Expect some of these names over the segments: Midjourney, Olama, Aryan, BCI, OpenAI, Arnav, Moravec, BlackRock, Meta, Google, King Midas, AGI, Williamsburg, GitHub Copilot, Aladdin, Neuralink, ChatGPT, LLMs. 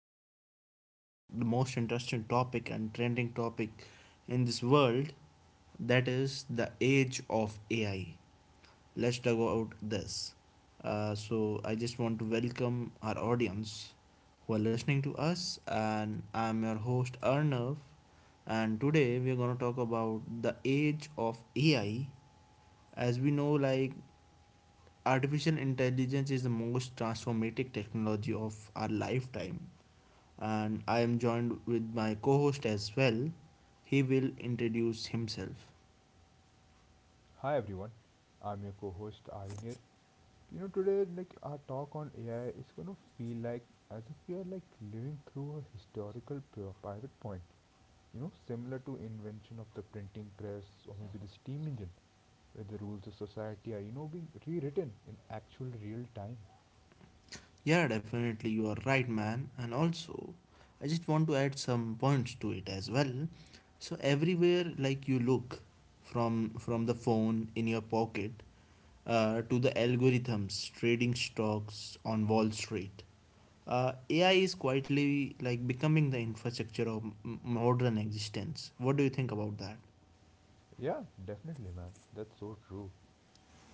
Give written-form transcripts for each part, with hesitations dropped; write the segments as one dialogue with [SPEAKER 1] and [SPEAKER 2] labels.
[SPEAKER 1] going to discuss the most interesting topic and trending topic in this world, that is the age of AI. Let's talk about this. I just want to welcome our audience who are listening to us, and I'm your host Arnav. And today we are going to talk about the age of AI. As we know, like artificial intelligence is the most transformative technology of our lifetime, and I am joined with my co host as well. He will introduce himself.
[SPEAKER 2] Hi everyone, I'm your co-host Aryan here. You know today like our talk on AI is gonna feel like as if we are like living through a historical pivot point. You know, similar to invention of the printing press or maybe the steam engine, where the rules of society are being rewritten in actual real time.
[SPEAKER 1] Yeah, definitely, you are right, man. And also, I just want to add some points to it as well. So, everywhere like you look, from the phone in your pocket, to the algorithms trading stocks on Wall Street. AI is quietly like becoming the infrastructure of modern existence. What do you think about that?
[SPEAKER 2] Yeah, definitely, man. That's so true.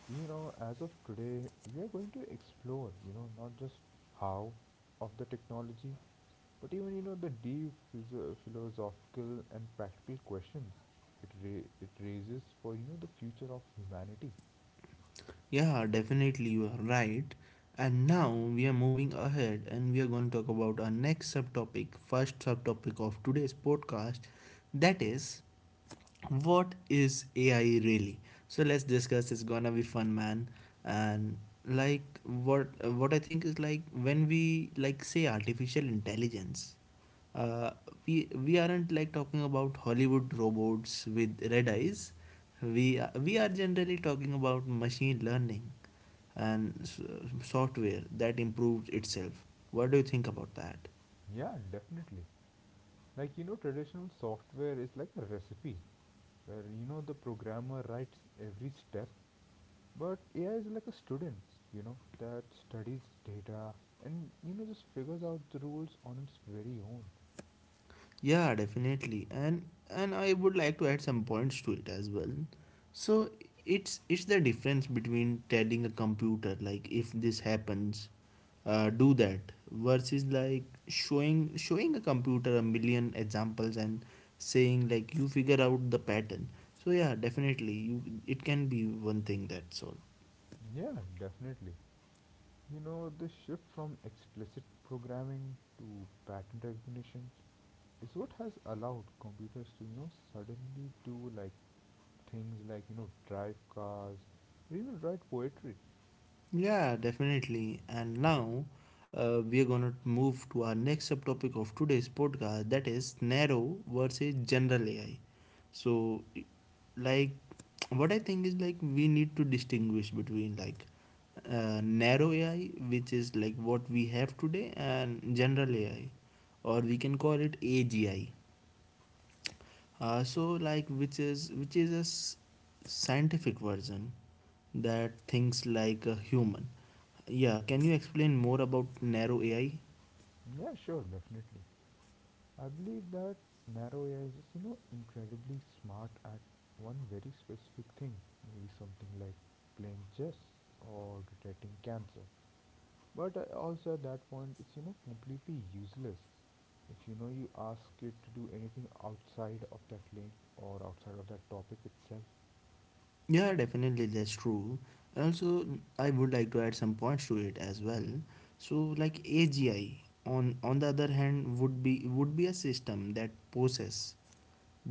[SPEAKER 2] You know, as of today, we are going to explore. Not just how of the technology, but even the deep philosophical and practical questions it raises for the future of humanity.
[SPEAKER 1] Yeah, definitely you are right. And now we are moving ahead and we are going to talk about our next subtopic, first subtopic of today's podcast, that is, what is AI really? So let's discuss. It's gonna be fun, man. And like what I think is like when we like say artificial intelligence, uh, we aren't like talking about Hollywood robots with red eyes. We are generally talking about machine learning and software that improves itself. What do you think about that?
[SPEAKER 2] Yeah, definitely. Traditional software is like a recipe where the programmer writes every step, but AI is like a student, you know, that studies data and just figures out the rules on its very own.
[SPEAKER 1] Yeah, definitely. And I would like to add some points to it as well. So it's the difference between telling a computer like, if this happens, do that, versus like showing a computer a million examples and saying like, you figure out the pattern. So yeah, definitely you it can be one thing, that's all.
[SPEAKER 2] Yeah, definitely. You know, the shift from explicit programming to pattern recognition is what has allowed computers to suddenly do like things like drive cars or even write poetry.
[SPEAKER 1] Yeah, definitely. And now we are gonna move to our next subtopic of today's podcast, that is narrow versus general AI. So, like, what I think is like we need to distinguish between like narrow AI, which is like what we have today, and general AI, or we can call it AGI. So like which is a scientific version that thinks like a human. Yeah, can you explain more about narrow AI?
[SPEAKER 2] Yeah, sure, definitely. I believe that narrow AI is just incredibly smart at one very specific thing, maybe something like playing chess or detecting cancer, but also at that point it's completely useless if you ask it to do anything outside of that lane or outside of that topic itself.
[SPEAKER 1] Yeah, definitely, that's true. And also, I would like to add some points to it as well. So, like AGI, on the other hand, would be a system that possess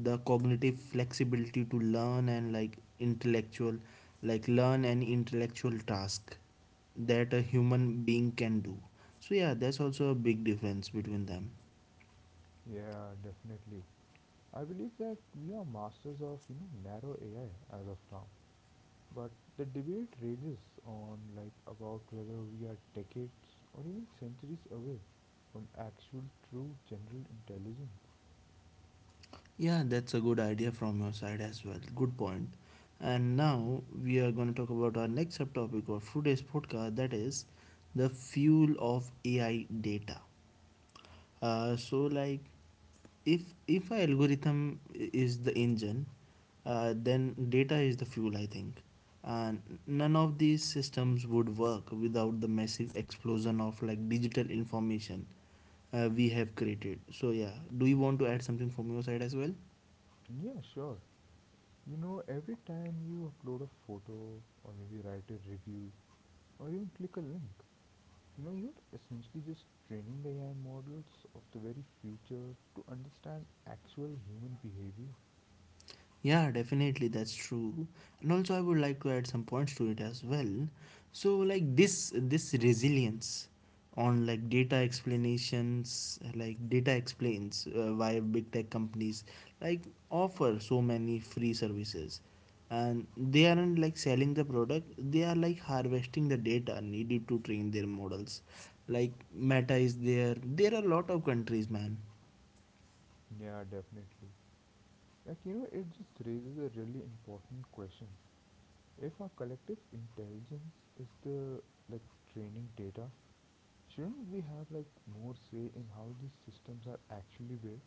[SPEAKER 1] the cognitive flexibility to learn and like intellectual, like learn an intellectual task that a human being can do. So yeah, that's also a big difference between them.
[SPEAKER 2] Yeah, definitely. I believe that we are masters of narrow AI as of now, but the debate rages on like about whether we are decades or even centuries away from actual true general intelligence.
[SPEAKER 1] Yeah, that's a good idea from your side as well. Good point. And now we are going to talk about our next subtopic of today's podcast, that is the fuel of AI, data. So like if a algorithm is the engine, then data is the fuel, I think. And none of these systems would work without the massive explosion of like digital information we have created. So yeah, do you want to add something from your side as well?
[SPEAKER 2] And Yeah, sure. You know, every time you upload a photo or maybe write a review or even click a link, you know, you're essentially just training the AI models of the very future to understand actual human behavior.
[SPEAKER 1] Yeah, definitely, that's true. And also, I would like to add some points to it as well. So, like this resilience on like data explanations, like data explains why big tech companies like offer so many free services, and they aren't like selling the product; they are like harvesting the data needed to train their models. Like Meta is there. There are a lot of countries, man.
[SPEAKER 2] Yeah, definitely. Like, you know, it just raises a really important question. If our collective intelligence is the like training data, shouldn't we have like more say in how these systems are actually built?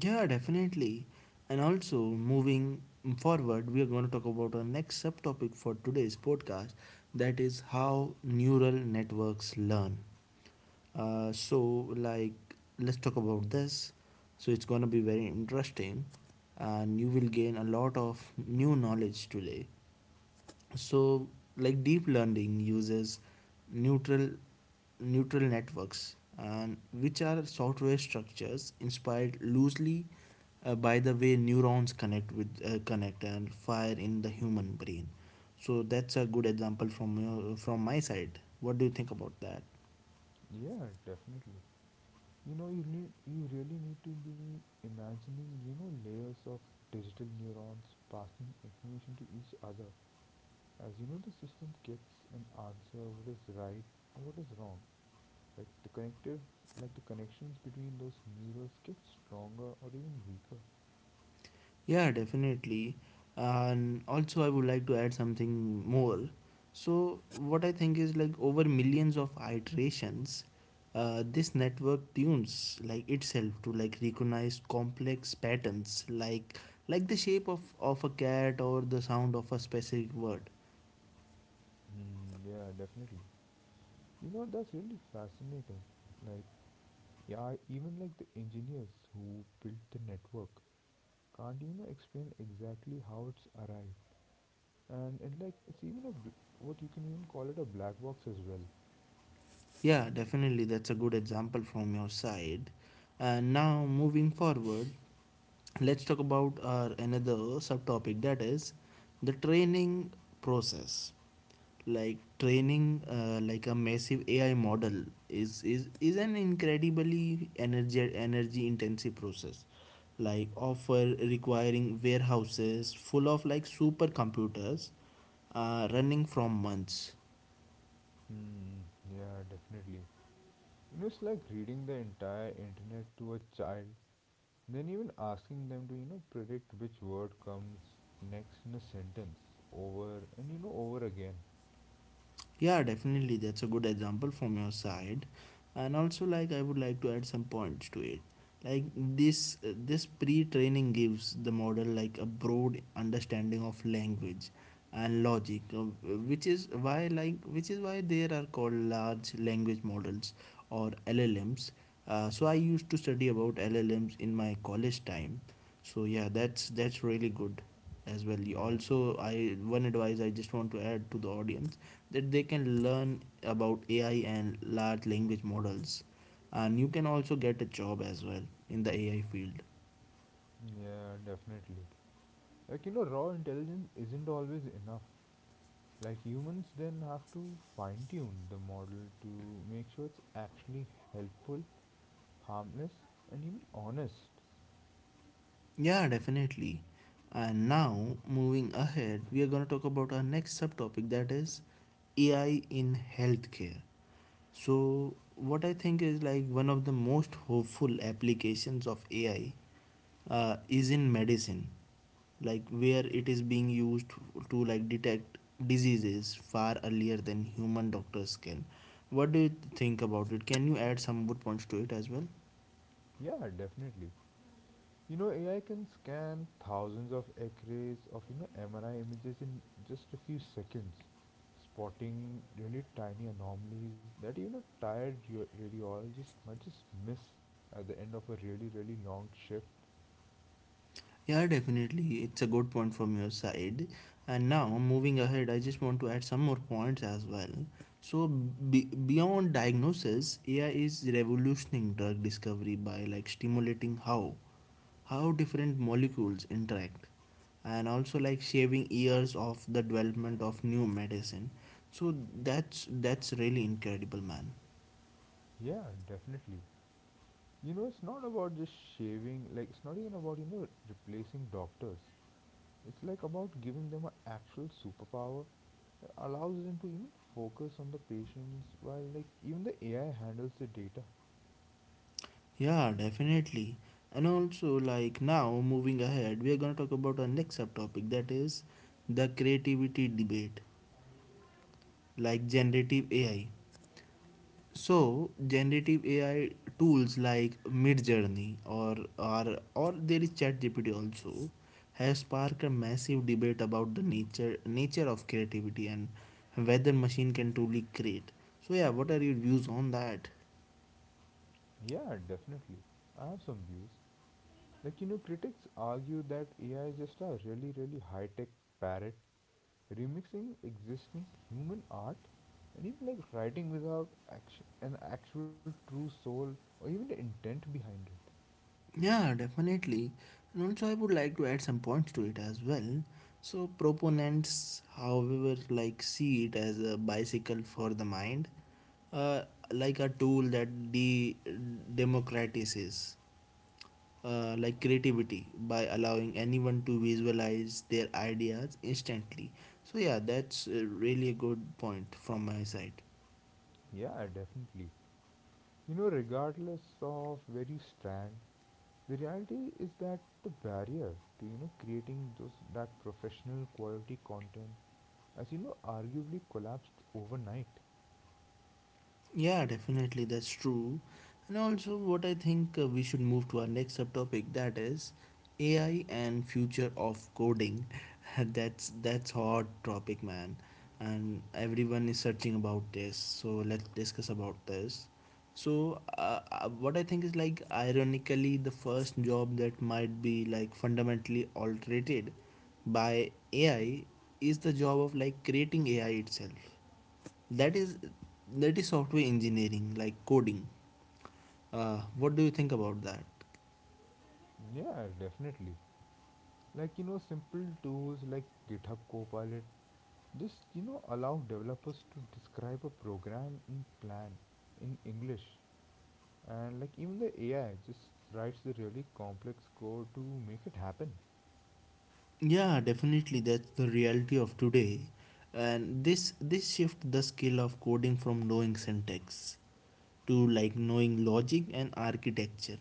[SPEAKER 1] Yeah, definitely. And also, moving forward, we are going to talk about our next subtopic for today's podcast, that is how neural networks learn. So, like, let's talk about this. So, it's going to be very interesting, and you will gain a lot of new knowledge today. So like deep learning uses neutral neutral networks, and which are software structures inspired loosely by the way neurons connect with connect and fire in the human brain. So that's a good example from your, from my side. What do you think about that?
[SPEAKER 2] Yeah, definitely. You really need to be imagining, you know, layers of digital neurons passing information to each other. As you know, the system gets an answer what is right or what is wrong. Like the connective like the connections between those neurons get stronger or even weaker.
[SPEAKER 1] Yeah, definitely. And also, I would like to add something more. So, what I think is like over millions of iterations, this network tunes like itself to like recognize complex patterns, like the shape of a cat or the sound of a specific word.
[SPEAKER 2] Yeah, definitely. You know, that's really fascinating. Like, yeah, even like the engineers who built the network can't explain exactly how it's arrived, and like it's even a bl- what you can even call it a black box as well.
[SPEAKER 1] Yeah, definitely, that's a good example from your side. And now moving forward, let's talk about our another subtopic, that is the training process. Like training like a massive ai model is an incredibly energy intensive process, like offer requiring warehouses full of like supercomputers running from months.
[SPEAKER 2] mm, yeah, definitely. You know, it's like reading the entire internet to a child. Then even asking them to, you know, predict which word comes next in a sentence over and, you know, over again.
[SPEAKER 1] Yeah, definitely. That's a good example from your side. And also like I would like to add some points to it. Like this this pre-training gives the model like a broad understanding of language and logic, which is why there are called large language models, or LLMs. So I used to study about LLMs in my college time. So yeah, that's really good as well. You
[SPEAKER 2] Yeah,
[SPEAKER 1] also, I one advice I just want to add to the audience, that they can learn about AI and large language models. And you can also get a job as well in the AI field.
[SPEAKER 2] yeah, definitely. Like, you know, raw intelligence isn't always enough. Like, humans then have to fine tune the model to make sure it's actually helpful, harmless, and even honest.
[SPEAKER 1] Yeah, definitely. And now, moving ahead, we are going to talk about our next subtopic, that is AI in healthcare. So, what I think is like one of the most hopeful applications of AI is in medicine, like where it is being used to like detect diseases far earlier than human doctors can. What do you think about it? Can you add some more points to it as well?
[SPEAKER 2] Yeah, definitely. You know, AI can scan thousands of X-rays of you know MRI images in just a few seconds, spotting really tiny anomalies that radiologist might just miss at the end of a really really long shift.
[SPEAKER 1] Yeah, definitely. It's a good point from your side. And now, moving ahead, I just want to add some more points as well. So, beyond diagnosis, AI is revolutioning drug discovery by like stimulating how different molecules interact, and also like shaving years of the development of new medicine. So that's really incredible, man.
[SPEAKER 2] Yeah, definitely. You know, it's not about just shaving. Like, it's not even about replacing doctors. It's like about giving them an actual superpower that allows them to even focus on the patients while like even the AI handles the data.
[SPEAKER 1] Yeah, definitely. And also, like now, moving ahead, we are going to talk about our next subtopic, that is the creativity debate, like generative AI. So, generative AI tools like Midjourney or or there is ChatGPT also, has sparked a massive debate about the nature of creativity and whether machine can truly create. So, yeah, what are your views on that?
[SPEAKER 2] Yeah, definitely. I have some views. Like, you know, critics argue that AI is just a really, really high tech parrot remixing existing human art and even like writing without an actual true soul or even the intent behind it.
[SPEAKER 1] Yeah, definitely. And also, I would like to add some points to it as well. So, proponents, however, like see it as a bicycle for the mind, uh, like a tool that democratizes like creativity by allowing anyone to visualize their ideas instantly. So, yeah, that's really a good point from my side.
[SPEAKER 2] Yeah, definitely. You know, regardless of where you stand, the reality is that the barrier to, you know, creating those that professional quality content has, you know, arguably collapsed overnight.
[SPEAKER 1] Yeah, definitely, that's true. And also, what I think we should move to our next subtopic, that is AI and future of coding. That's hot topic, man, and everyone is searching about this. So let's discuss about this. So what I think is like ironically, the first job that might be like fundamentally altered by AI is the job of like creating AI itself, that is that is software engineering, like coding. What do you think about that?
[SPEAKER 2] Yeah, definitely. Like, you know, simple tools like GitHub Copilot just, you know, allow developers to describe a program in plan in English. And like even the AI just writes the really complex code to make it happen.
[SPEAKER 1] Yeah definitely, that's the reality of today. And this shift the skill of coding from knowing syntax to like knowing logic and architecture,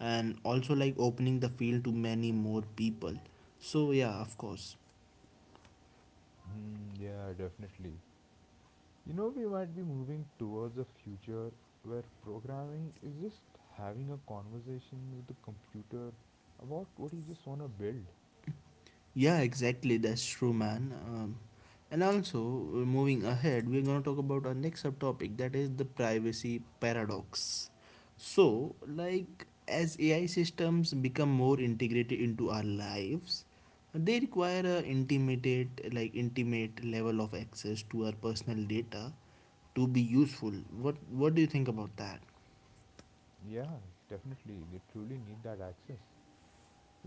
[SPEAKER 1] and also like opening the field to many more people. So yeah, of course.
[SPEAKER 2] Hmm, yeah, definitely. You know, we might be moving towards a future where programming is just having a conversation with the computer about what you just want to build.
[SPEAKER 1] Yeah, exactly. That's true, man. And also, moving ahead, we're going to talk about our next subtopic, that is the privacy paradox. So, like, as AI systems become more integrated into our lives, they require a intimate, like, intimate level of access to our personal data to be useful. What do you think about that?
[SPEAKER 2] Yeah, definitely. They truly need that access.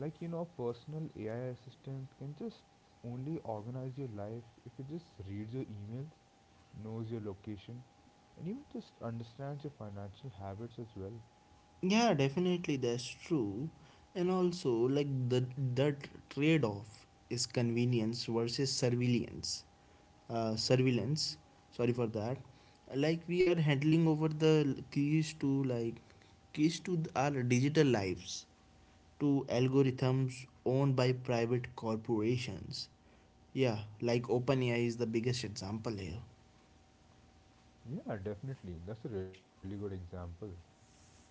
[SPEAKER 2] Like, you know, a personal AI assistant can just only organize your life if it just reads your emails, knows your location, and even just understands your financial habits as well.
[SPEAKER 1] Yeah definitely, that's true. And also like the that trade-off is convenience versus surveillance, surveillance, sorry for that. Like we are handling over the keys to like keys to our digital lives, to algorithms owned by private corporations. Yeah, like OpenAI is the biggest example here.
[SPEAKER 2] Yeah, definitely, that's a really good example.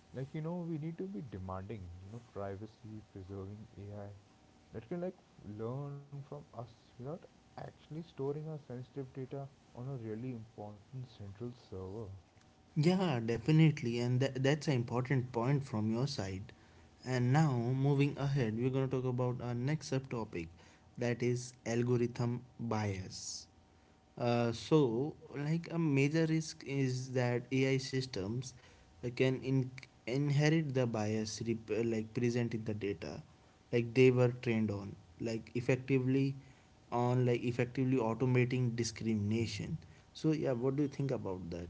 [SPEAKER 2] Like, you know, we need to be demanding, you know, privacy preserving AI that can learn from us without actually storing our sensitive data on a really important central server.
[SPEAKER 1] Yeah, definitely, and that's an important point from your side. And now, moving ahead, we're going to talk about our next subtopic, that is algorithm bias. So, like a major risk is that AI systems can inherit the bias present in the data, like they were trained on, like effectively automating discrimination. So, yeah, what do you think about that?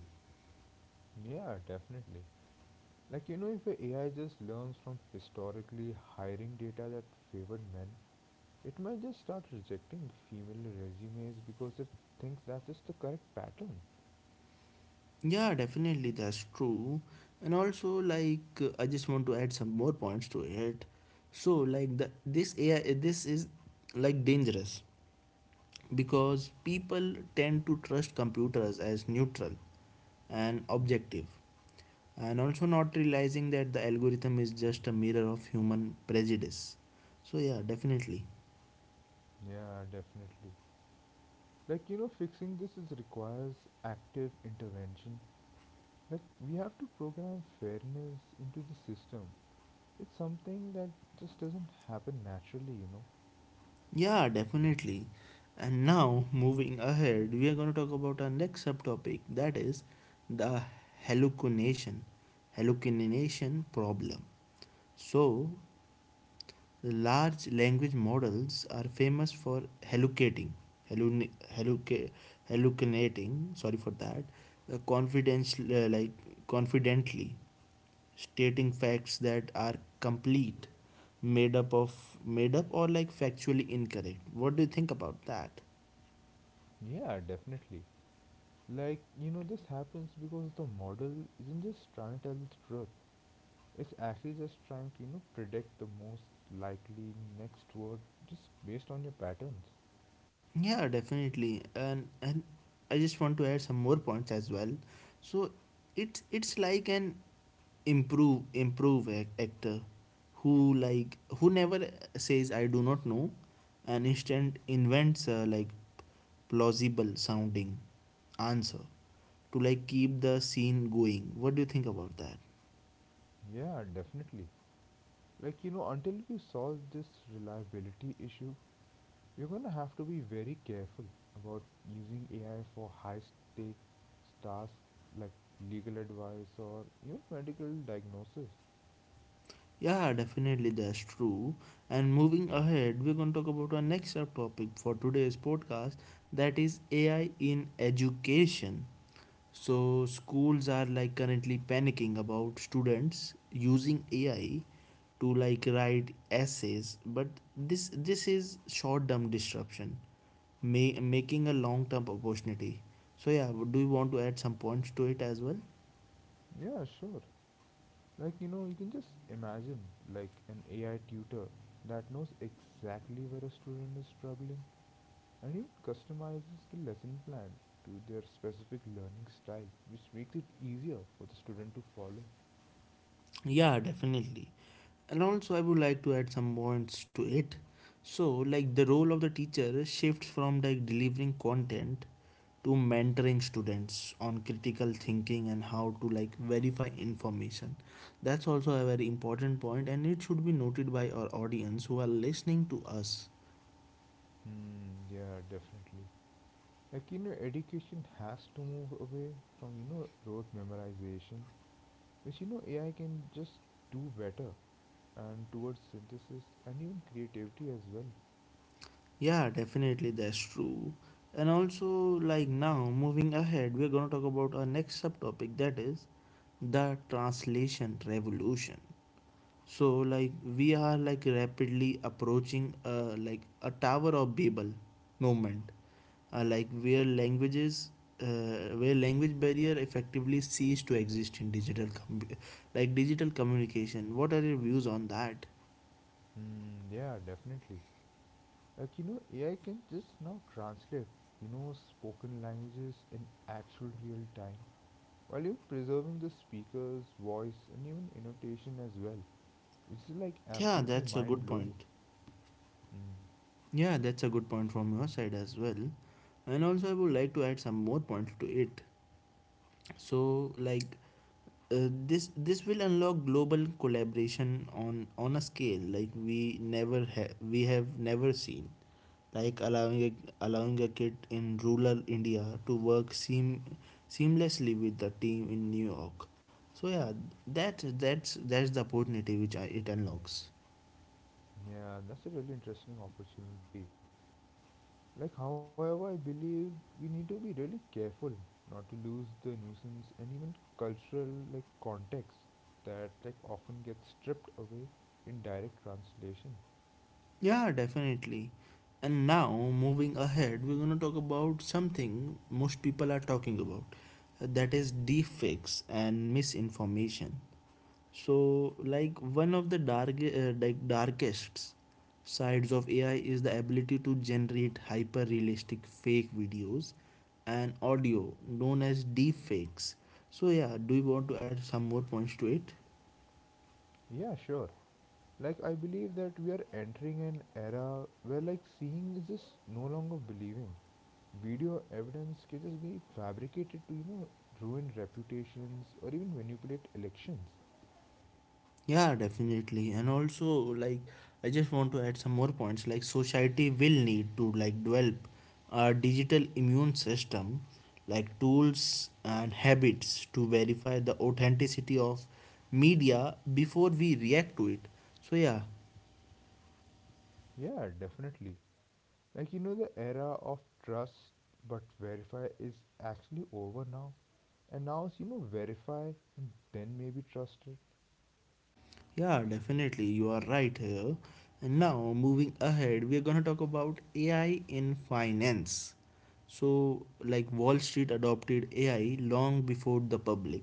[SPEAKER 2] Yeah, definitely. Like, you know, if a AI just learns from historically hiring data that favored men, it might just start rejecting female resumes because it thinks that's just the correct pattern.
[SPEAKER 1] Yeah, definitely, that's true. And also, like, I just want to add some more points to it. So, like, the this AI, this is like dangerous because people tend to trust computers as neutral and objective, and also not realizing that the algorithm is just a mirror of human prejudice. So, yeah, definitely.
[SPEAKER 2] Yeah, definitely. Like, you know, fixing this is requires active intervention. Like, we have to program fairness into the system. It's something that just doesn't happen naturally, you know.
[SPEAKER 1] Yeah, definitely. And now, moving ahead, we are going to talk about our next subtopic, that is the hallucination, hallucination problem. So, large language models are famous for hallucin- halluc- hallucinating. Sorry for that. Confidential, like Confidently stating facts that are complete, made up of made up or like factually incorrect. What do you think about that?
[SPEAKER 2] Yeah, definitely. Like, you know, this happens because the model isn't just trying to tell the truth. It's actually just trying to, you know, predict the most likely next word just based on your patterns.
[SPEAKER 1] Yeah, definitely. And I just want to add some more points as well. So it's like an actor who never says I do not know and instant invents plausible sounding answer to like keep the scene going. What do you think about that?
[SPEAKER 2] Yeah, definitely. Like, you know, until we solve this reliability issue, we're gonna have to be very careful about using AI for high stakes tasks like legal advice or even medical diagnosis.
[SPEAKER 1] Yeah, definitely, that's true. And moving ahead, we're going to talk about our next subtopic for today's podcast, that is AI in education. So, schools are like currently panicking about students using AI to like write essays, but this is short-term disruption, making a long-term opportunity. So, yeah, do you want to add some points to it as well?
[SPEAKER 2] Yeah, sure. Like, you know, you can just imagine like an AI tutor that knows exactly where a student is struggling and even customizes the lesson plan to their specific learning style, which makes it easier for the student to follow.
[SPEAKER 1] Yeah, definitely. And also, I would like to add some points to it. So, like the role of the teacher shifts from like delivering content to mentoring students on critical thinking and how to like verify information. That's also a very important point, and it should be noted by our audience who are listening to us.
[SPEAKER 2] Hmm, yeah, definitely. Like, you know, education has to move away from, you know, rote memorization, which, you know, AI can just do better, and towards synthesis and even creativity as well.
[SPEAKER 1] Yeah, definitely, that's true. And also, like now, moving ahead, we're gonna talk about our next subtopic, that is the translation revolution. So like we are like rapidly approaching like a Tower of Babel moment, uh, like where languages where language barrier effectively cease to exist in digital communication. What are your views on that?
[SPEAKER 2] Hmm, yeah, definitely. Like, you know, AI can just now translate, you know, spoken languages in actual real time while you're preserving the speaker's voice and even intonation as well, which is like
[SPEAKER 1] Yeah,
[SPEAKER 2] absolutely
[SPEAKER 1] that's a good
[SPEAKER 2] mind
[SPEAKER 1] point.
[SPEAKER 2] blowing. Mm.
[SPEAKER 1] Yeah, that's a good point from your side as well. And also, I would like to add some more points to it. So, like, this will unlock global collaboration on a scale like we have never seen, like allowing a kid in rural India to work seamlessly with the team in New York. So yeah, that's the opportunity which it unlocks.
[SPEAKER 2] Yeah, that's a really interesting opportunity. Like, however, I believe we need to be really careful not to lose the nuisance and even cultural like context that like often gets stripped away in direct translation.
[SPEAKER 1] Yeah, definitely. And now moving ahead, we're going to talk about something most people are talking about, that is deepfakes and misinformation. So like one of the darkest sides of AI is the ability to generate hyper realistic fake videos and audio known as deepfakes. So yeah, do you want to add some more points to it?
[SPEAKER 2] Yeah, sure. Like, I believe that we are entering an era where like seeing is just no longer believing. Video evidence can just be fabricated to, you know, ruin reputations or even manipulate elections.
[SPEAKER 1] Yeah, definitely. And also, like, I just want to add some more points. Like, society will need to like develop a digital immune system, like tools and habits to verify the authenticity of media before we react to it. So yeah.
[SPEAKER 2] Yeah, definitely. Like, you know, the era of trust but verify is actually over now. And now it's, you know, verify and then maybe trust it.
[SPEAKER 1] Yeah, definitely. You are right here. And now, moving ahead, we are going to talk about AI in finance. So, like Wall Street adopted AI long before the public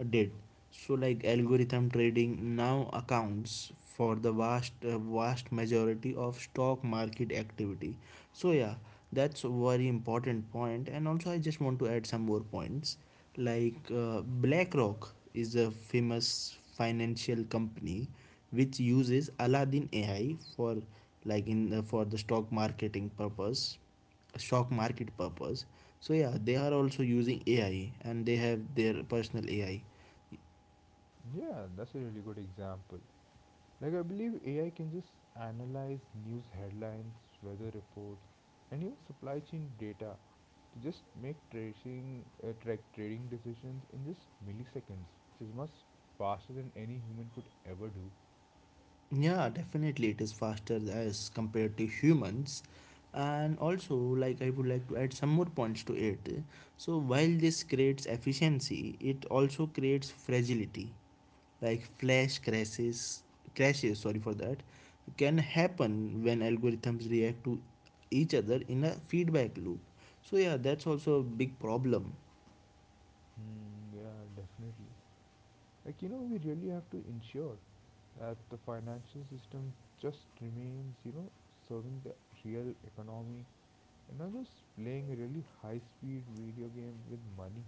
[SPEAKER 1] did. So, like algorithm trading now accounts for the vast majority of stock market activity. So, yeah, that's a very important point. And also, I just want to add some more points. Like BlackRock is a famous financial company which uses Aladdin AI for like in for the stock market purpose. So yeah, they are also using AI and they have their personal AI.
[SPEAKER 2] Yeah, that's a really good example. Like, I believe AI can just analyze news headlines, weather reports, and even supply chain data to just make tracing track trading decisions in just milliseconds, which is much faster than any human could ever do.
[SPEAKER 1] Yeah, definitely, it is faster as compared to humans. And also, like, I would like to add some more points to it. So while this creates efficiency, it also creates fragility. Like flash crashes. Sorry for that. Can happen when algorithms react to each other in a feedback loop. So yeah, that's also a big problem.
[SPEAKER 2] Hmm, yeah, definitely. Like, you know, we really have to ensure that the financial system just remains, you know, serving the real economy and not just playing a really high-speed video game with money.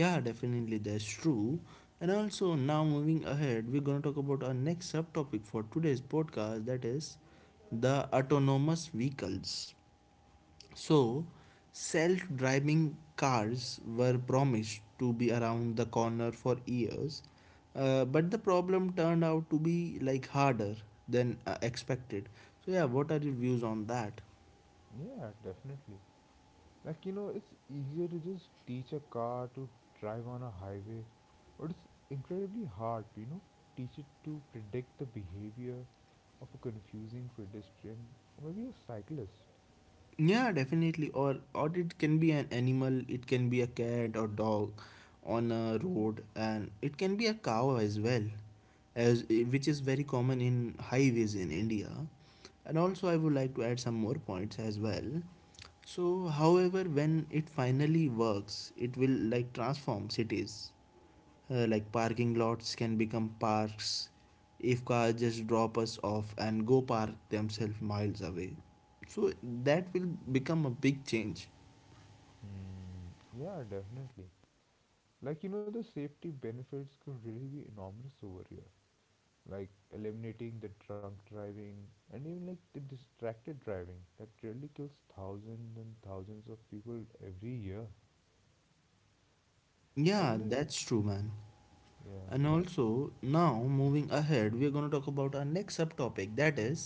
[SPEAKER 1] Yeah, definitely, that's true. And also now moving ahead, we're going to talk about our next subtopic for today's podcast, that is the autonomous vehicles. So, self driving cars were promised to be around the corner for years, but the problem turned out to be like harder than expected. So, yeah, what are your views on that?
[SPEAKER 2] Yeah, definitely. Like, you know, it's easier to just teach a car to drive on a highway, but it's incredibly hard to, you know, teach it to predict the behavior of a confusing pedestrian or maybe a cyclist.
[SPEAKER 1] Yeah, definitely. Or it can be an animal, it can be a cat or dog on a road, and it can be a cow as well, as which is very common in highways in India. And also, I would like to add some more points as well. So, however, when it finally works, it will like transform cities. Like parking lots can become parks if cars just drop us off and go park themselves miles away. So that will become a big change.
[SPEAKER 2] Hmm. Yeah, definitely. Like, you know, the safety benefits could really be enormous over here. Like, eliminating the drunk driving and even like the distracted driving that really kills thousands and thousands of people every year. I
[SPEAKER 1] Yeah,
[SPEAKER 2] believe.
[SPEAKER 1] that's true, man.
[SPEAKER 2] Yeah.
[SPEAKER 1] And also, now moving ahead, we are going to talk about our next subtopic, that is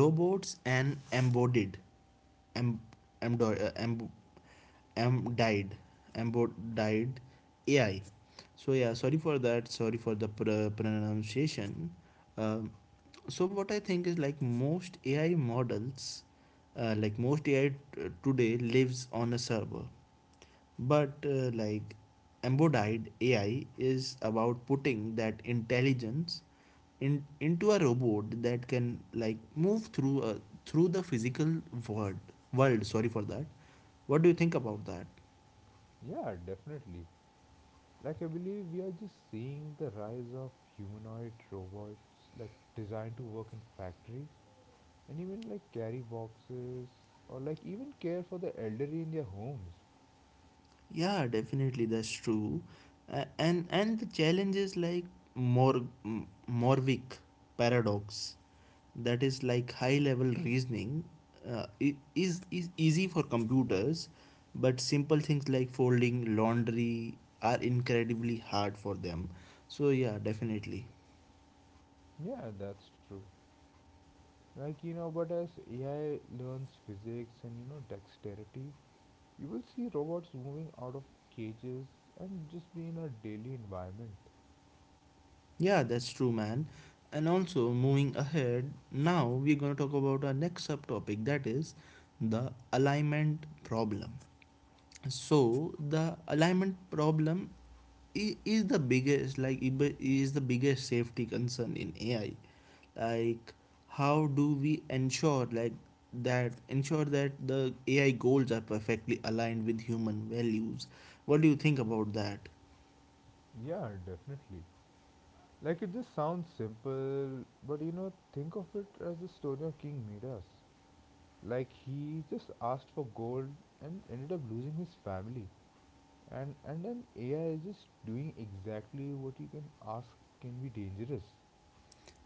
[SPEAKER 1] robots and embodied. Em, emdo- em, em died embo- died AI. So yeah, sorry for that. Sorry for the pronunciation. Um, so what I think is like most AI models, like most AI today lives on a server, but like embodied AI is about putting that intelligence into a robot that can like move through through the physical world. world. Sorry for that. What do you think about that?
[SPEAKER 2] Yeah, definitely. Like, I believe we are just seeing the rise of humanoid robots, like, designed to work in factories and even, like, carry boxes or, like, even care for the elderly in their homes.
[SPEAKER 1] Yeah, definitely, that's true. And the challenge is like more Morvic paradox, that is like high level reasoning is easy for computers but simple things like folding laundry are incredibly hard for them. So yeah, definitely.
[SPEAKER 2] Yeah, that's true. Like, you know, but as AI learns physics and, you know, dexterity, you will see robots moving out of cages and just be in a daily environment.
[SPEAKER 1] Yeah, that's true, man. And also moving ahead now, we're going to talk about our next subtopic, that is the alignment problem. So the alignment problem is the biggest, is the biggest safety concern in AI. Like how do we ensure like that ensure that the AI goals are perfectly aligned with human values? What do you think about that?
[SPEAKER 2] Yeah, definitely. Like it just sounds simple, but you know, think of it as the story of King Midas. Like he just asked for gold and ended up losing his family. And then AI is just doing exactly what you can ask can be dangerous.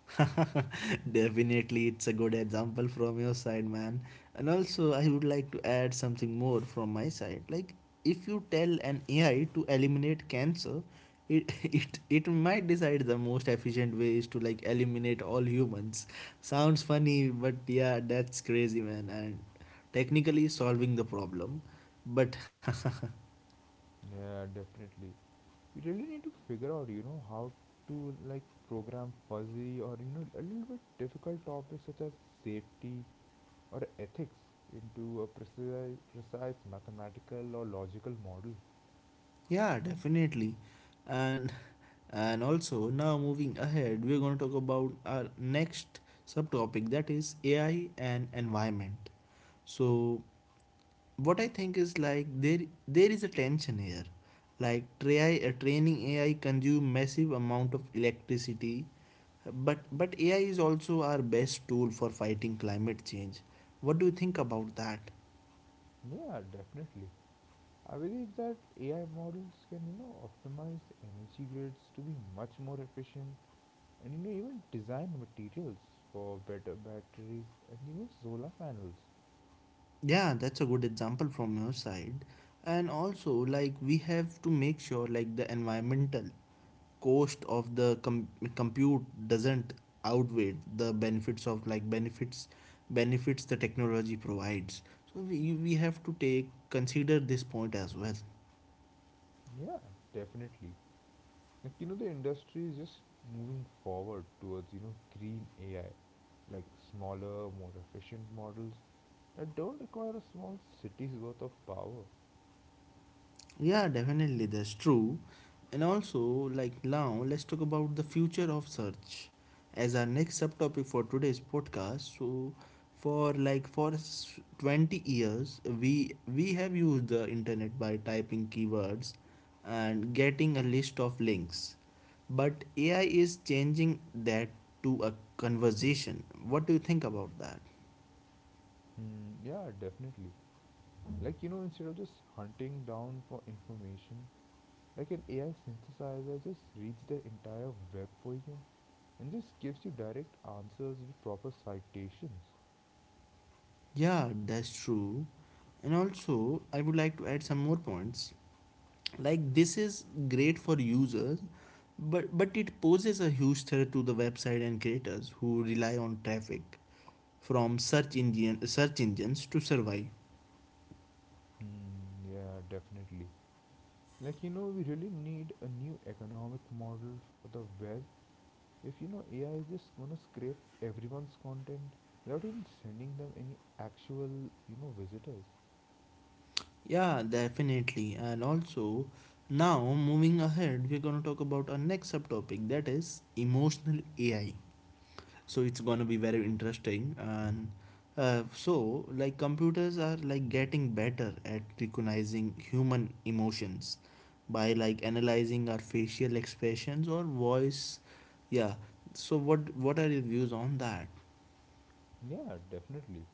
[SPEAKER 1] Definitely, it's a good example from your side, man. And also, I would like to add something more from my side. Like, if you tell an AI to eliminate cancer, it it might decide the most efficient way is to like eliminate all humans. Sounds funny, but yeah, that's crazy, man. And technically solving the problem, but
[SPEAKER 2] Yeah, definitely. We really need to figure out, you know, how to like program fuzzy or you know a little bit difficult topics such as safety or ethics into a precise mathematical or logical model.
[SPEAKER 1] Yeah, definitely. And and also now moving ahead, we're going to talk about our next subtopic, that is AI and environment. So what I think is like there is a tension here. Like training AI consume massive amount of electricity, but AI is also our best tool for fighting climate change. What do you think about that?
[SPEAKER 2] Yeah, definitely. I believe that AI models can, you know, optimize energy grids to be much more efficient and, you know, even design materials for better batteries and even solar panels.
[SPEAKER 1] Yeah, that's a good example from your side. And also, like, we have to make sure, like, the environmental cost of the compute doesn't outweigh the benefits of, benefits the technology provides. So we have to take consider this point as well.
[SPEAKER 2] Yeah, definitely. Like, the industry is just moving forward towards, green AI, like smaller, more efficient models that don't require a small city's worth of power.
[SPEAKER 1] Yeah, definitely, that's true. And also, like now, let's talk about the future of search as our next subtopic for today's podcast. So, for 20 years, we have used the internet by typing keywords and getting a list of links. But AI is changing that to a conversation. What do you think about that?
[SPEAKER 2] Hmm, yeah, definitely. Like, instead of just hunting down for information, like an AI synthesizer just reads the entire web for you and just gives you direct answers with proper citations.
[SPEAKER 1] Yeah, that's true. And also, I would like to add some more points. Like this is great for users, but it poses a huge threat to the website and creators who rely on traffic from search engines to survive.
[SPEAKER 2] Hmm, yeah, definitely. Like, we really need a new economic model for the web if AI is just gonna scrape everyone's content without even sending them any actual, visitors.
[SPEAKER 1] Yeah, definitely. And also now moving ahead, we're going to talk about our next subtopic, that is emotional AI. So it's gonna be very interesting. And so like computers are like getting better at recognizing human emotions by like analyzing our facial expressions or voice. Yeah, so what are your views on that?
[SPEAKER 2] Yeah, definitely.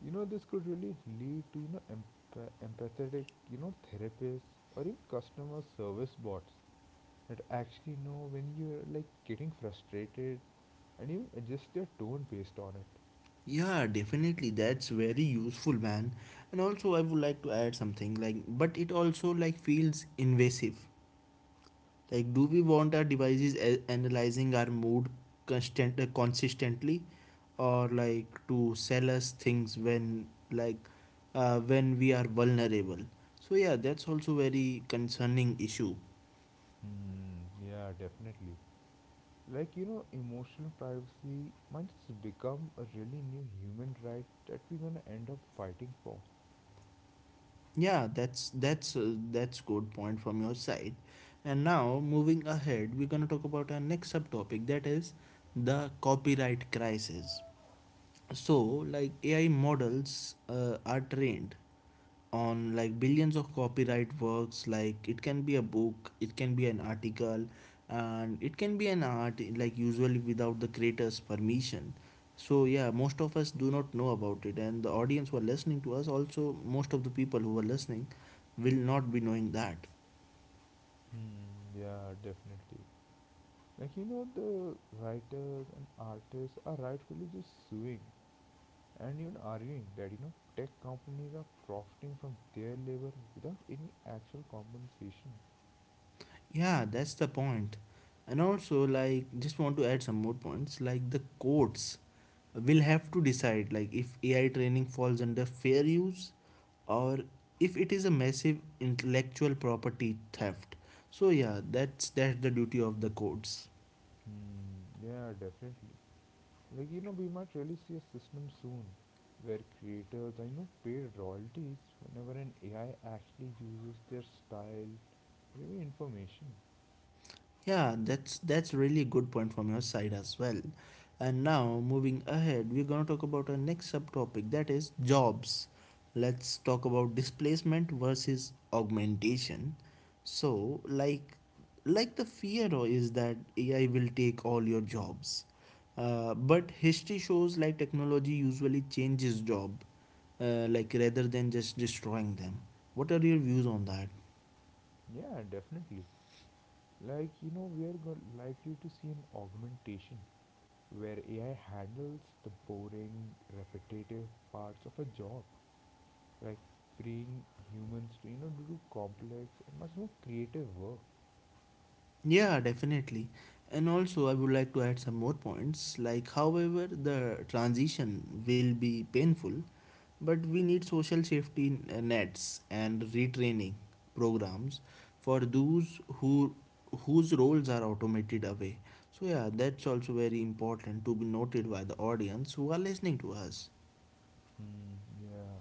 [SPEAKER 2] This could really lead to, empathetic, therapists or even customer service bots that actually know when you're like getting frustrated and even adjust your tone based on it.
[SPEAKER 1] Yeah, definitely, that's very useful, man. And also, I would like to add something. Like, but it also like feels invasive. Like, do we want our devices analyzing our mood constant consistently, or like to sell us things when when we are vulnerable? So yeah, that's also very concerning issue.
[SPEAKER 2] Hmm, yeah, definitely. Like, emotional privacy might just become a really new human right that we're gonna end up fighting for.
[SPEAKER 1] Yeah, that's good point from your side. And now moving ahead, we're gonna talk about our next subtopic, that is the copyright crisis. So like AI models are trained on like billions of copyright works. Like it can be a book, it can be an article, and it can be an art, like usually without the creator's permission. So yeah, most of us do not know about it, and the audience who are listening to us, also most of the people who are listening will not be knowing that.
[SPEAKER 2] Hmm, yeah, definitely. Like, the writers and artists are rightfully just suing and even arguing that, tech companies are profiting from their labor without any actual compensation.
[SPEAKER 1] Yeah, that's the point. And also, like, just want to add some more points. Like, the courts will have to decide, like, if AI training falls under fair use or if it is a massive intellectual property theft. So, yeah, that's the duty of the courts.
[SPEAKER 2] Hmm, yeah, definitely. Like, we might really see a system soon where creators, I know, pay royalties whenever an AI actually uses their style or even information.
[SPEAKER 1] Yeah, that's really good point from your side as well. And now moving ahead, we're gonna talk about our next subtopic, that is jobs. Let's talk about displacement versus augmentation. So, the fear is that AI will take all your jobs. But history shows like technology usually changes job, like rather than just destroying them. What are your views on that?
[SPEAKER 2] Yeah, definitely. Like, likely to see an augmentation where AI handles the boring, repetitive parts of a job, like freeing humans to, to do complex and much more creative work.
[SPEAKER 1] Yeah, definitely. And also, I would like to add some more points. Like, however, the transition will be painful, but we need social safety nets and retraining programs for those whose roles are automated away. So yeah, that's also very important to be noted by the audience who are listening to us.
[SPEAKER 2] Hmm, yeah.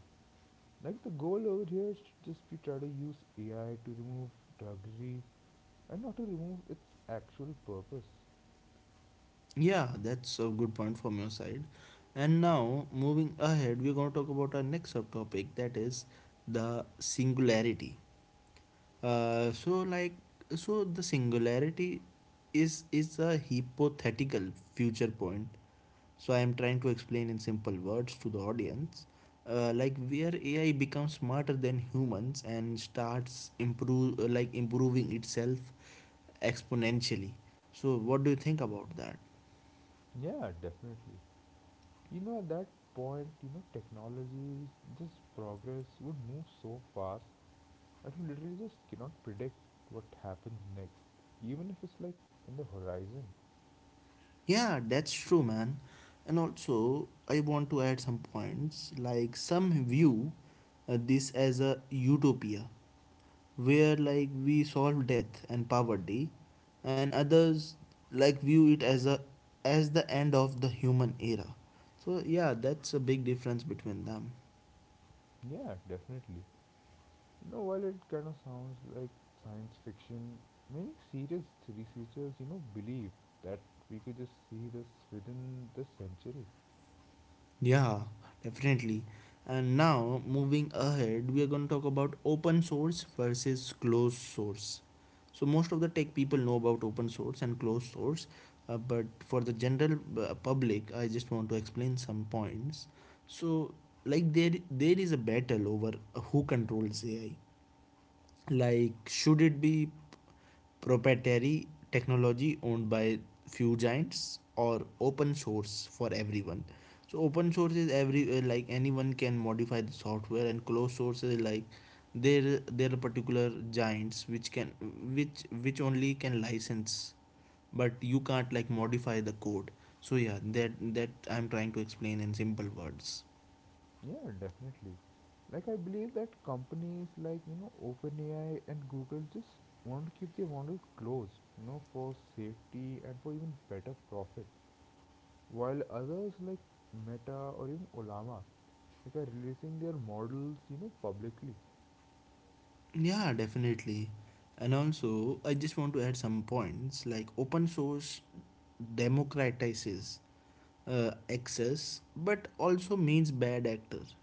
[SPEAKER 2] Like the goal over here should just be try to use AI to remove drudgery and not to remove its actual purpose.
[SPEAKER 1] Yeah, that's a good point from your side. And now, moving ahead, we're going to talk about our next subtopic, that is the singularity. Uh, so, like, so the singularity is a hypothetical future point. So, I am trying to explain in simple words to the audience, like where AI becomes smarter than humans and starts improve like improving itself exponentially. So, what do you think about that?
[SPEAKER 2] Yeah, definitely. At that point, technology, this progress would move so fast that we literally just cannot predict what happens next, even if it's like in the horizon.
[SPEAKER 1] Yeah, that's true, man. And also, I want to add some points. Like, some view this as a utopia where, like, we solve death and poverty, and others, like, view it as a as the end of the human era. So, yeah, that's a big difference between them.
[SPEAKER 2] Yeah, definitely. While it kind of sounds like science fiction, many serious researchers, believe that we could just see this within this century.
[SPEAKER 1] Yeah, definitely. And now, moving ahead, we are going to talk about open source versus closed source. So, most of the tech people know about open source and closed source, but for the general public, I just want to explain some points. So, like there is a battle over who controls AI. Like, should it be proprietary technology owned by few giants, or open source for everyone. So open source is every like anyone can modify the software, and closed source is like there are particular giants which can which only can license, but you can't like modify the code. So yeah, that I'm trying to explain in simple words.
[SPEAKER 2] Yeah, definitely. Like, I believe that companies like, OpenAI and Google just want to keep their model closed, for safety and for even better profit. While others like Meta or even Olama, like, are releasing their models, publicly.
[SPEAKER 1] Yeah, definitely. And also, I just want to add some points. Like open source democratizes access, but also means bad actors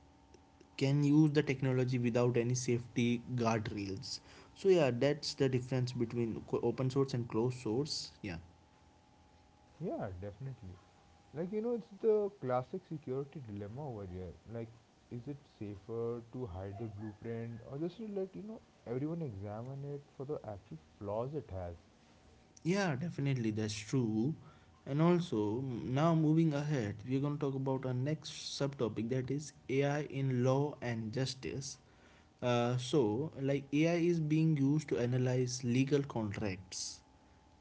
[SPEAKER 1] can use the technology without any safety guardrails. So yeah, that's the difference between open source and closed source. Yeah,
[SPEAKER 2] Yeah, definitely. Like, it's the classic security dilemma over here. Like, is it safer to hide the blueprint or just to let, everyone examine it for the actual flaws it has?
[SPEAKER 1] yeah, definitely, that's true. And also, now, moving ahead, we're going to talk about our next subtopic, that is AI in law and justice. So, like AI is being used to analyze legal contracts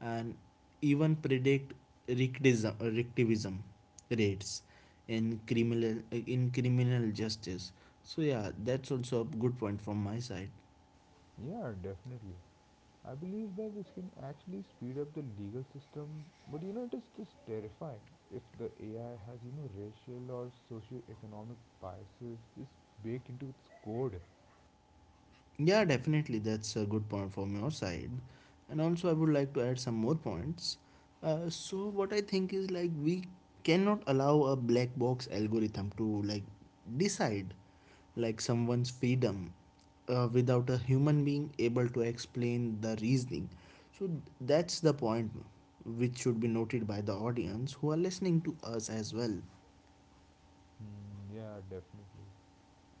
[SPEAKER 1] and even predict recidivism rates in criminal justice. So yeah, that's also a good point from my side.
[SPEAKER 2] Yeah, definitely. I believe that this can actually speed up the legal system, but it is just terrifying if the AI has, racial or socio-economic biases just baked into its code.
[SPEAKER 1] Yeah, definitely. That's a good point from your side. And also, I would like to add some more points. So, what I think is, like, we cannot allow a black box algorithm to like decide like someone's freedom without a human being able to explain the reasoning. So, that's the point which should be noted by the audience who are listening to us as well.
[SPEAKER 2] Hmm, yeah, definitely.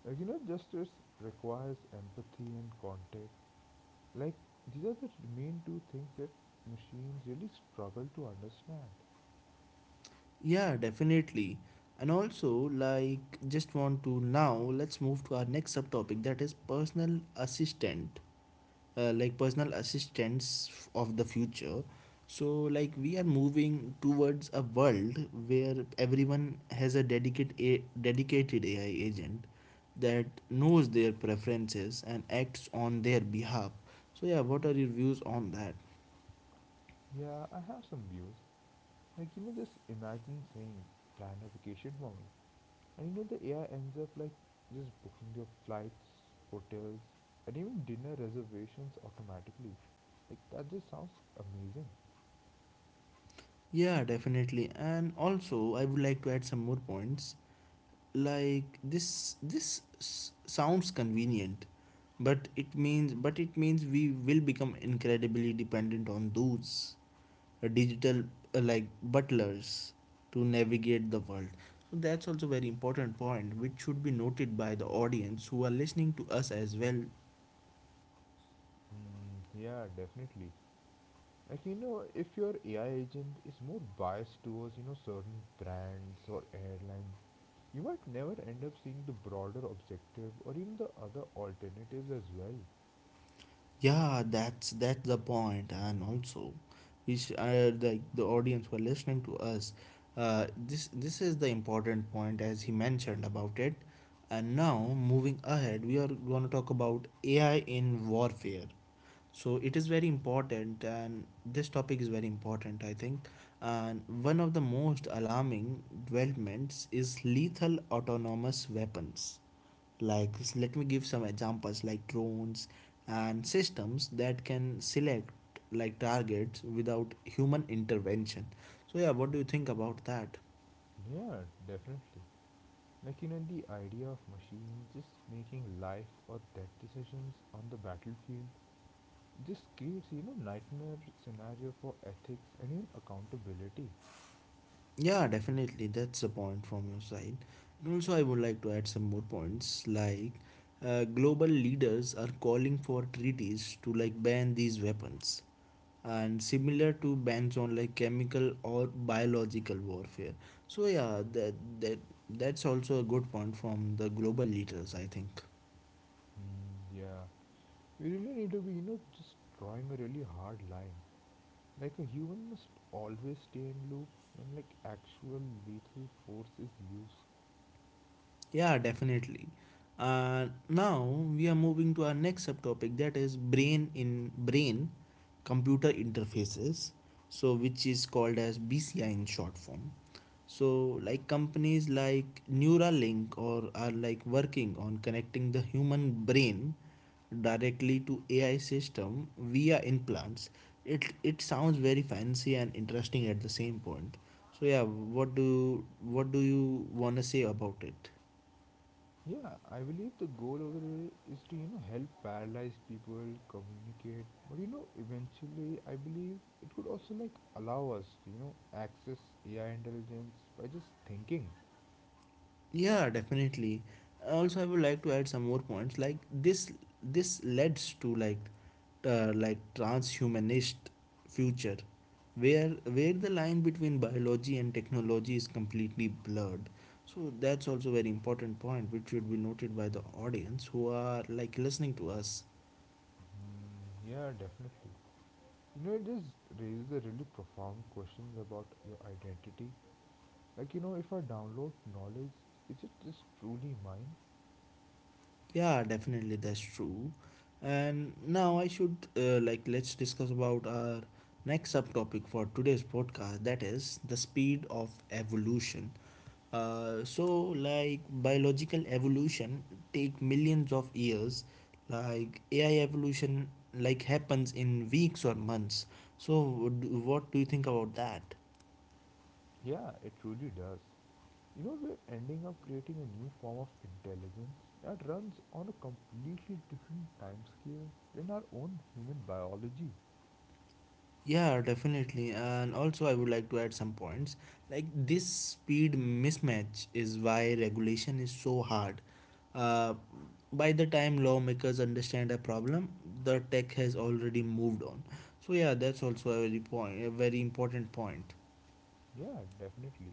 [SPEAKER 2] Like, justice requires empathy and context, like, these are the main two things that machines really struggle to understand.
[SPEAKER 1] Yeah, definitely. And also, like, just want to, now let's move to our next subtopic, that is personal assistant, like personal assistants of the future. So, like, we are moving towards a world where everyone has a dedicated AI agent that knows their preferences and acts on their behalf. So, yeah, what are your views on that?
[SPEAKER 2] Yeah, I have some views. Like, just imagine saying, plan a vacation for me. And the AI ends up like just booking your flights, hotels, and even dinner reservations automatically. Like, that just sounds amazing.
[SPEAKER 1] Yeah, definitely. And also, I would like to add some more points. Like this sounds convenient, but it means we will become incredibly dependent on those digital like butlers to navigate the world. So that's also very important point, which should be noted by the audience who are listening to us as well.
[SPEAKER 2] Hmm, yeah, definitely. Like, if your AI agent is more biased towards, certain brands or airlines, you might never end up seeing the broader objective or even the other alternatives as well.
[SPEAKER 1] Yeah, that's the point. And also, the audience who are listening to us, this is the important point, as he mentioned about it. And now moving ahead, we are going to talk about AI in warfare. So it is very important, and this topic is very important, I think. And one of the most alarming developments is lethal autonomous weapons. Like, let me give some examples, like drones and systems that can select like targets without human intervention. So yeah, what do you think about that?
[SPEAKER 2] Yeah, definitely. Like, the idea of machines just making life or death decisions on the battlefield just creates, nightmare scenario for ethics and even accountability.
[SPEAKER 1] Yeah, definitely, that's a point from your side. And also, I would like to add some more points. Like, global leaders are calling for treaties to like ban these weapons, and similar to bans on like chemical or biological warfare. So yeah, that that's also a good point from the global leaders, I think.
[SPEAKER 2] Hmm, yeah. We really need to be, just drawing a really hard line. Like, a human must always stay in loop when, like, actual lethal force is used.
[SPEAKER 1] Yeah, definitely. Now we are moving to our next subtopic, that is brain computer interfaces, so which is called as BCI in short form. So like companies like Neuralink or are like working on connecting the human brain directly to AI system via implants. It sounds very fancy and interesting at the same point. So yeah, what do you want to say about it?
[SPEAKER 2] Yeah, I believe the goal over there is to help paralyzed people communicate, but eventually I believe it could also like allow us to access AI intelligence by just thinking.
[SPEAKER 1] Yeah, definitely. Also, I would like to add some more points. Like this leads to like transhumanist future, where the line between biology and technology is completely blurred. So that's also very important point, which should be noted by the audience who are like listening to us.
[SPEAKER 2] Yeah, definitely. It just raises a really profound questions about your identity. Like if I download knowledge, is it just truly mine?
[SPEAKER 1] Yeah, definitely, that's true. And now I should, like, let's discuss about our next subtopic for today's podcast, that is the speed of evolution. So, like biological evolution take millions of years, like AI evolution like happens in weeks or months. So what do you think about that?
[SPEAKER 2] Yeah, it truly does. We're ending up creating a new form of intelligence that runs on a completely different timescale than our own human biology.
[SPEAKER 1] Yeah, definitely. And also, I would like to add some points. Like, this speed mismatch is why regulation is so hard. Uh, by the time lawmakers understand a problem, the tech has already moved on. So, yeah, that's also a very important point.
[SPEAKER 2] Yeah, definitely.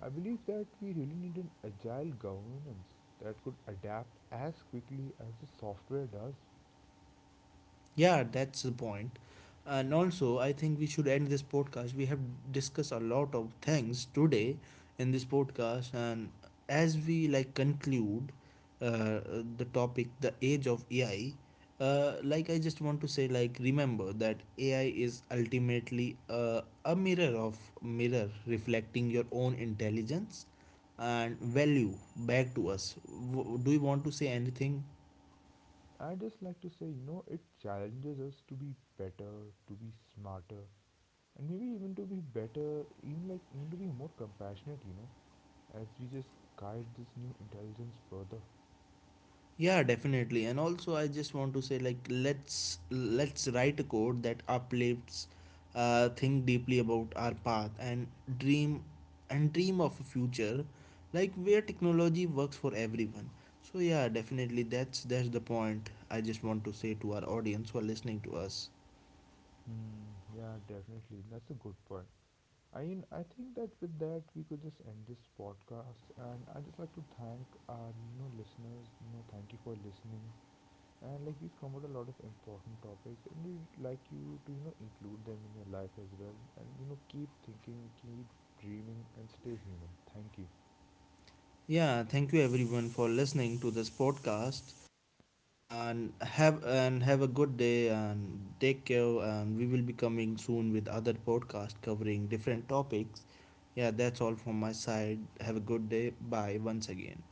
[SPEAKER 2] I believe that we really need an agile governance that could adapt as quickly as the software does.
[SPEAKER 1] Yeah, that's the point. And also, I think we should end this podcast. We have discussed a lot of things today in this podcast, and as we like conclude uh, the topic, the age of AI. Like, I just want to say, like, remember that AI is ultimately a mirror reflecting your own intelligence and value back to us. Do you want to say anything?
[SPEAKER 2] I just like to say, it challenges us to be better, to be smarter, and maybe even to be better, even like even to be more compassionate, as we just guide this new intelligence further.
[SPEAKER 1] Yeah, definitely. And also, I just want to say, like, let's write a code that uplifts, think deeply about our path, dream, and dream of a future, like where technology works for everyone. So yeah, definitely, that's the point I just want to say to our audience who are listening to us.
[SPEAKER 2] Hmm, yeah, definitely. That's a good point. I mean, I think that with that we could just end this podcast, and I just like to thank our listeners. Thank you for listening, and like we've covered a lot of important topics, and we would like you to include them in your life as well, and keep thinking, keep dreaming, and stay human. Thank you.
[SPEAKER 1] Yeah, thank you everyone for listening to this podcast. And have a good day, and take care, and we will be coming soon with other podcast covering different topics. Yeah, that's all from my side. Have a good day. Bye once again.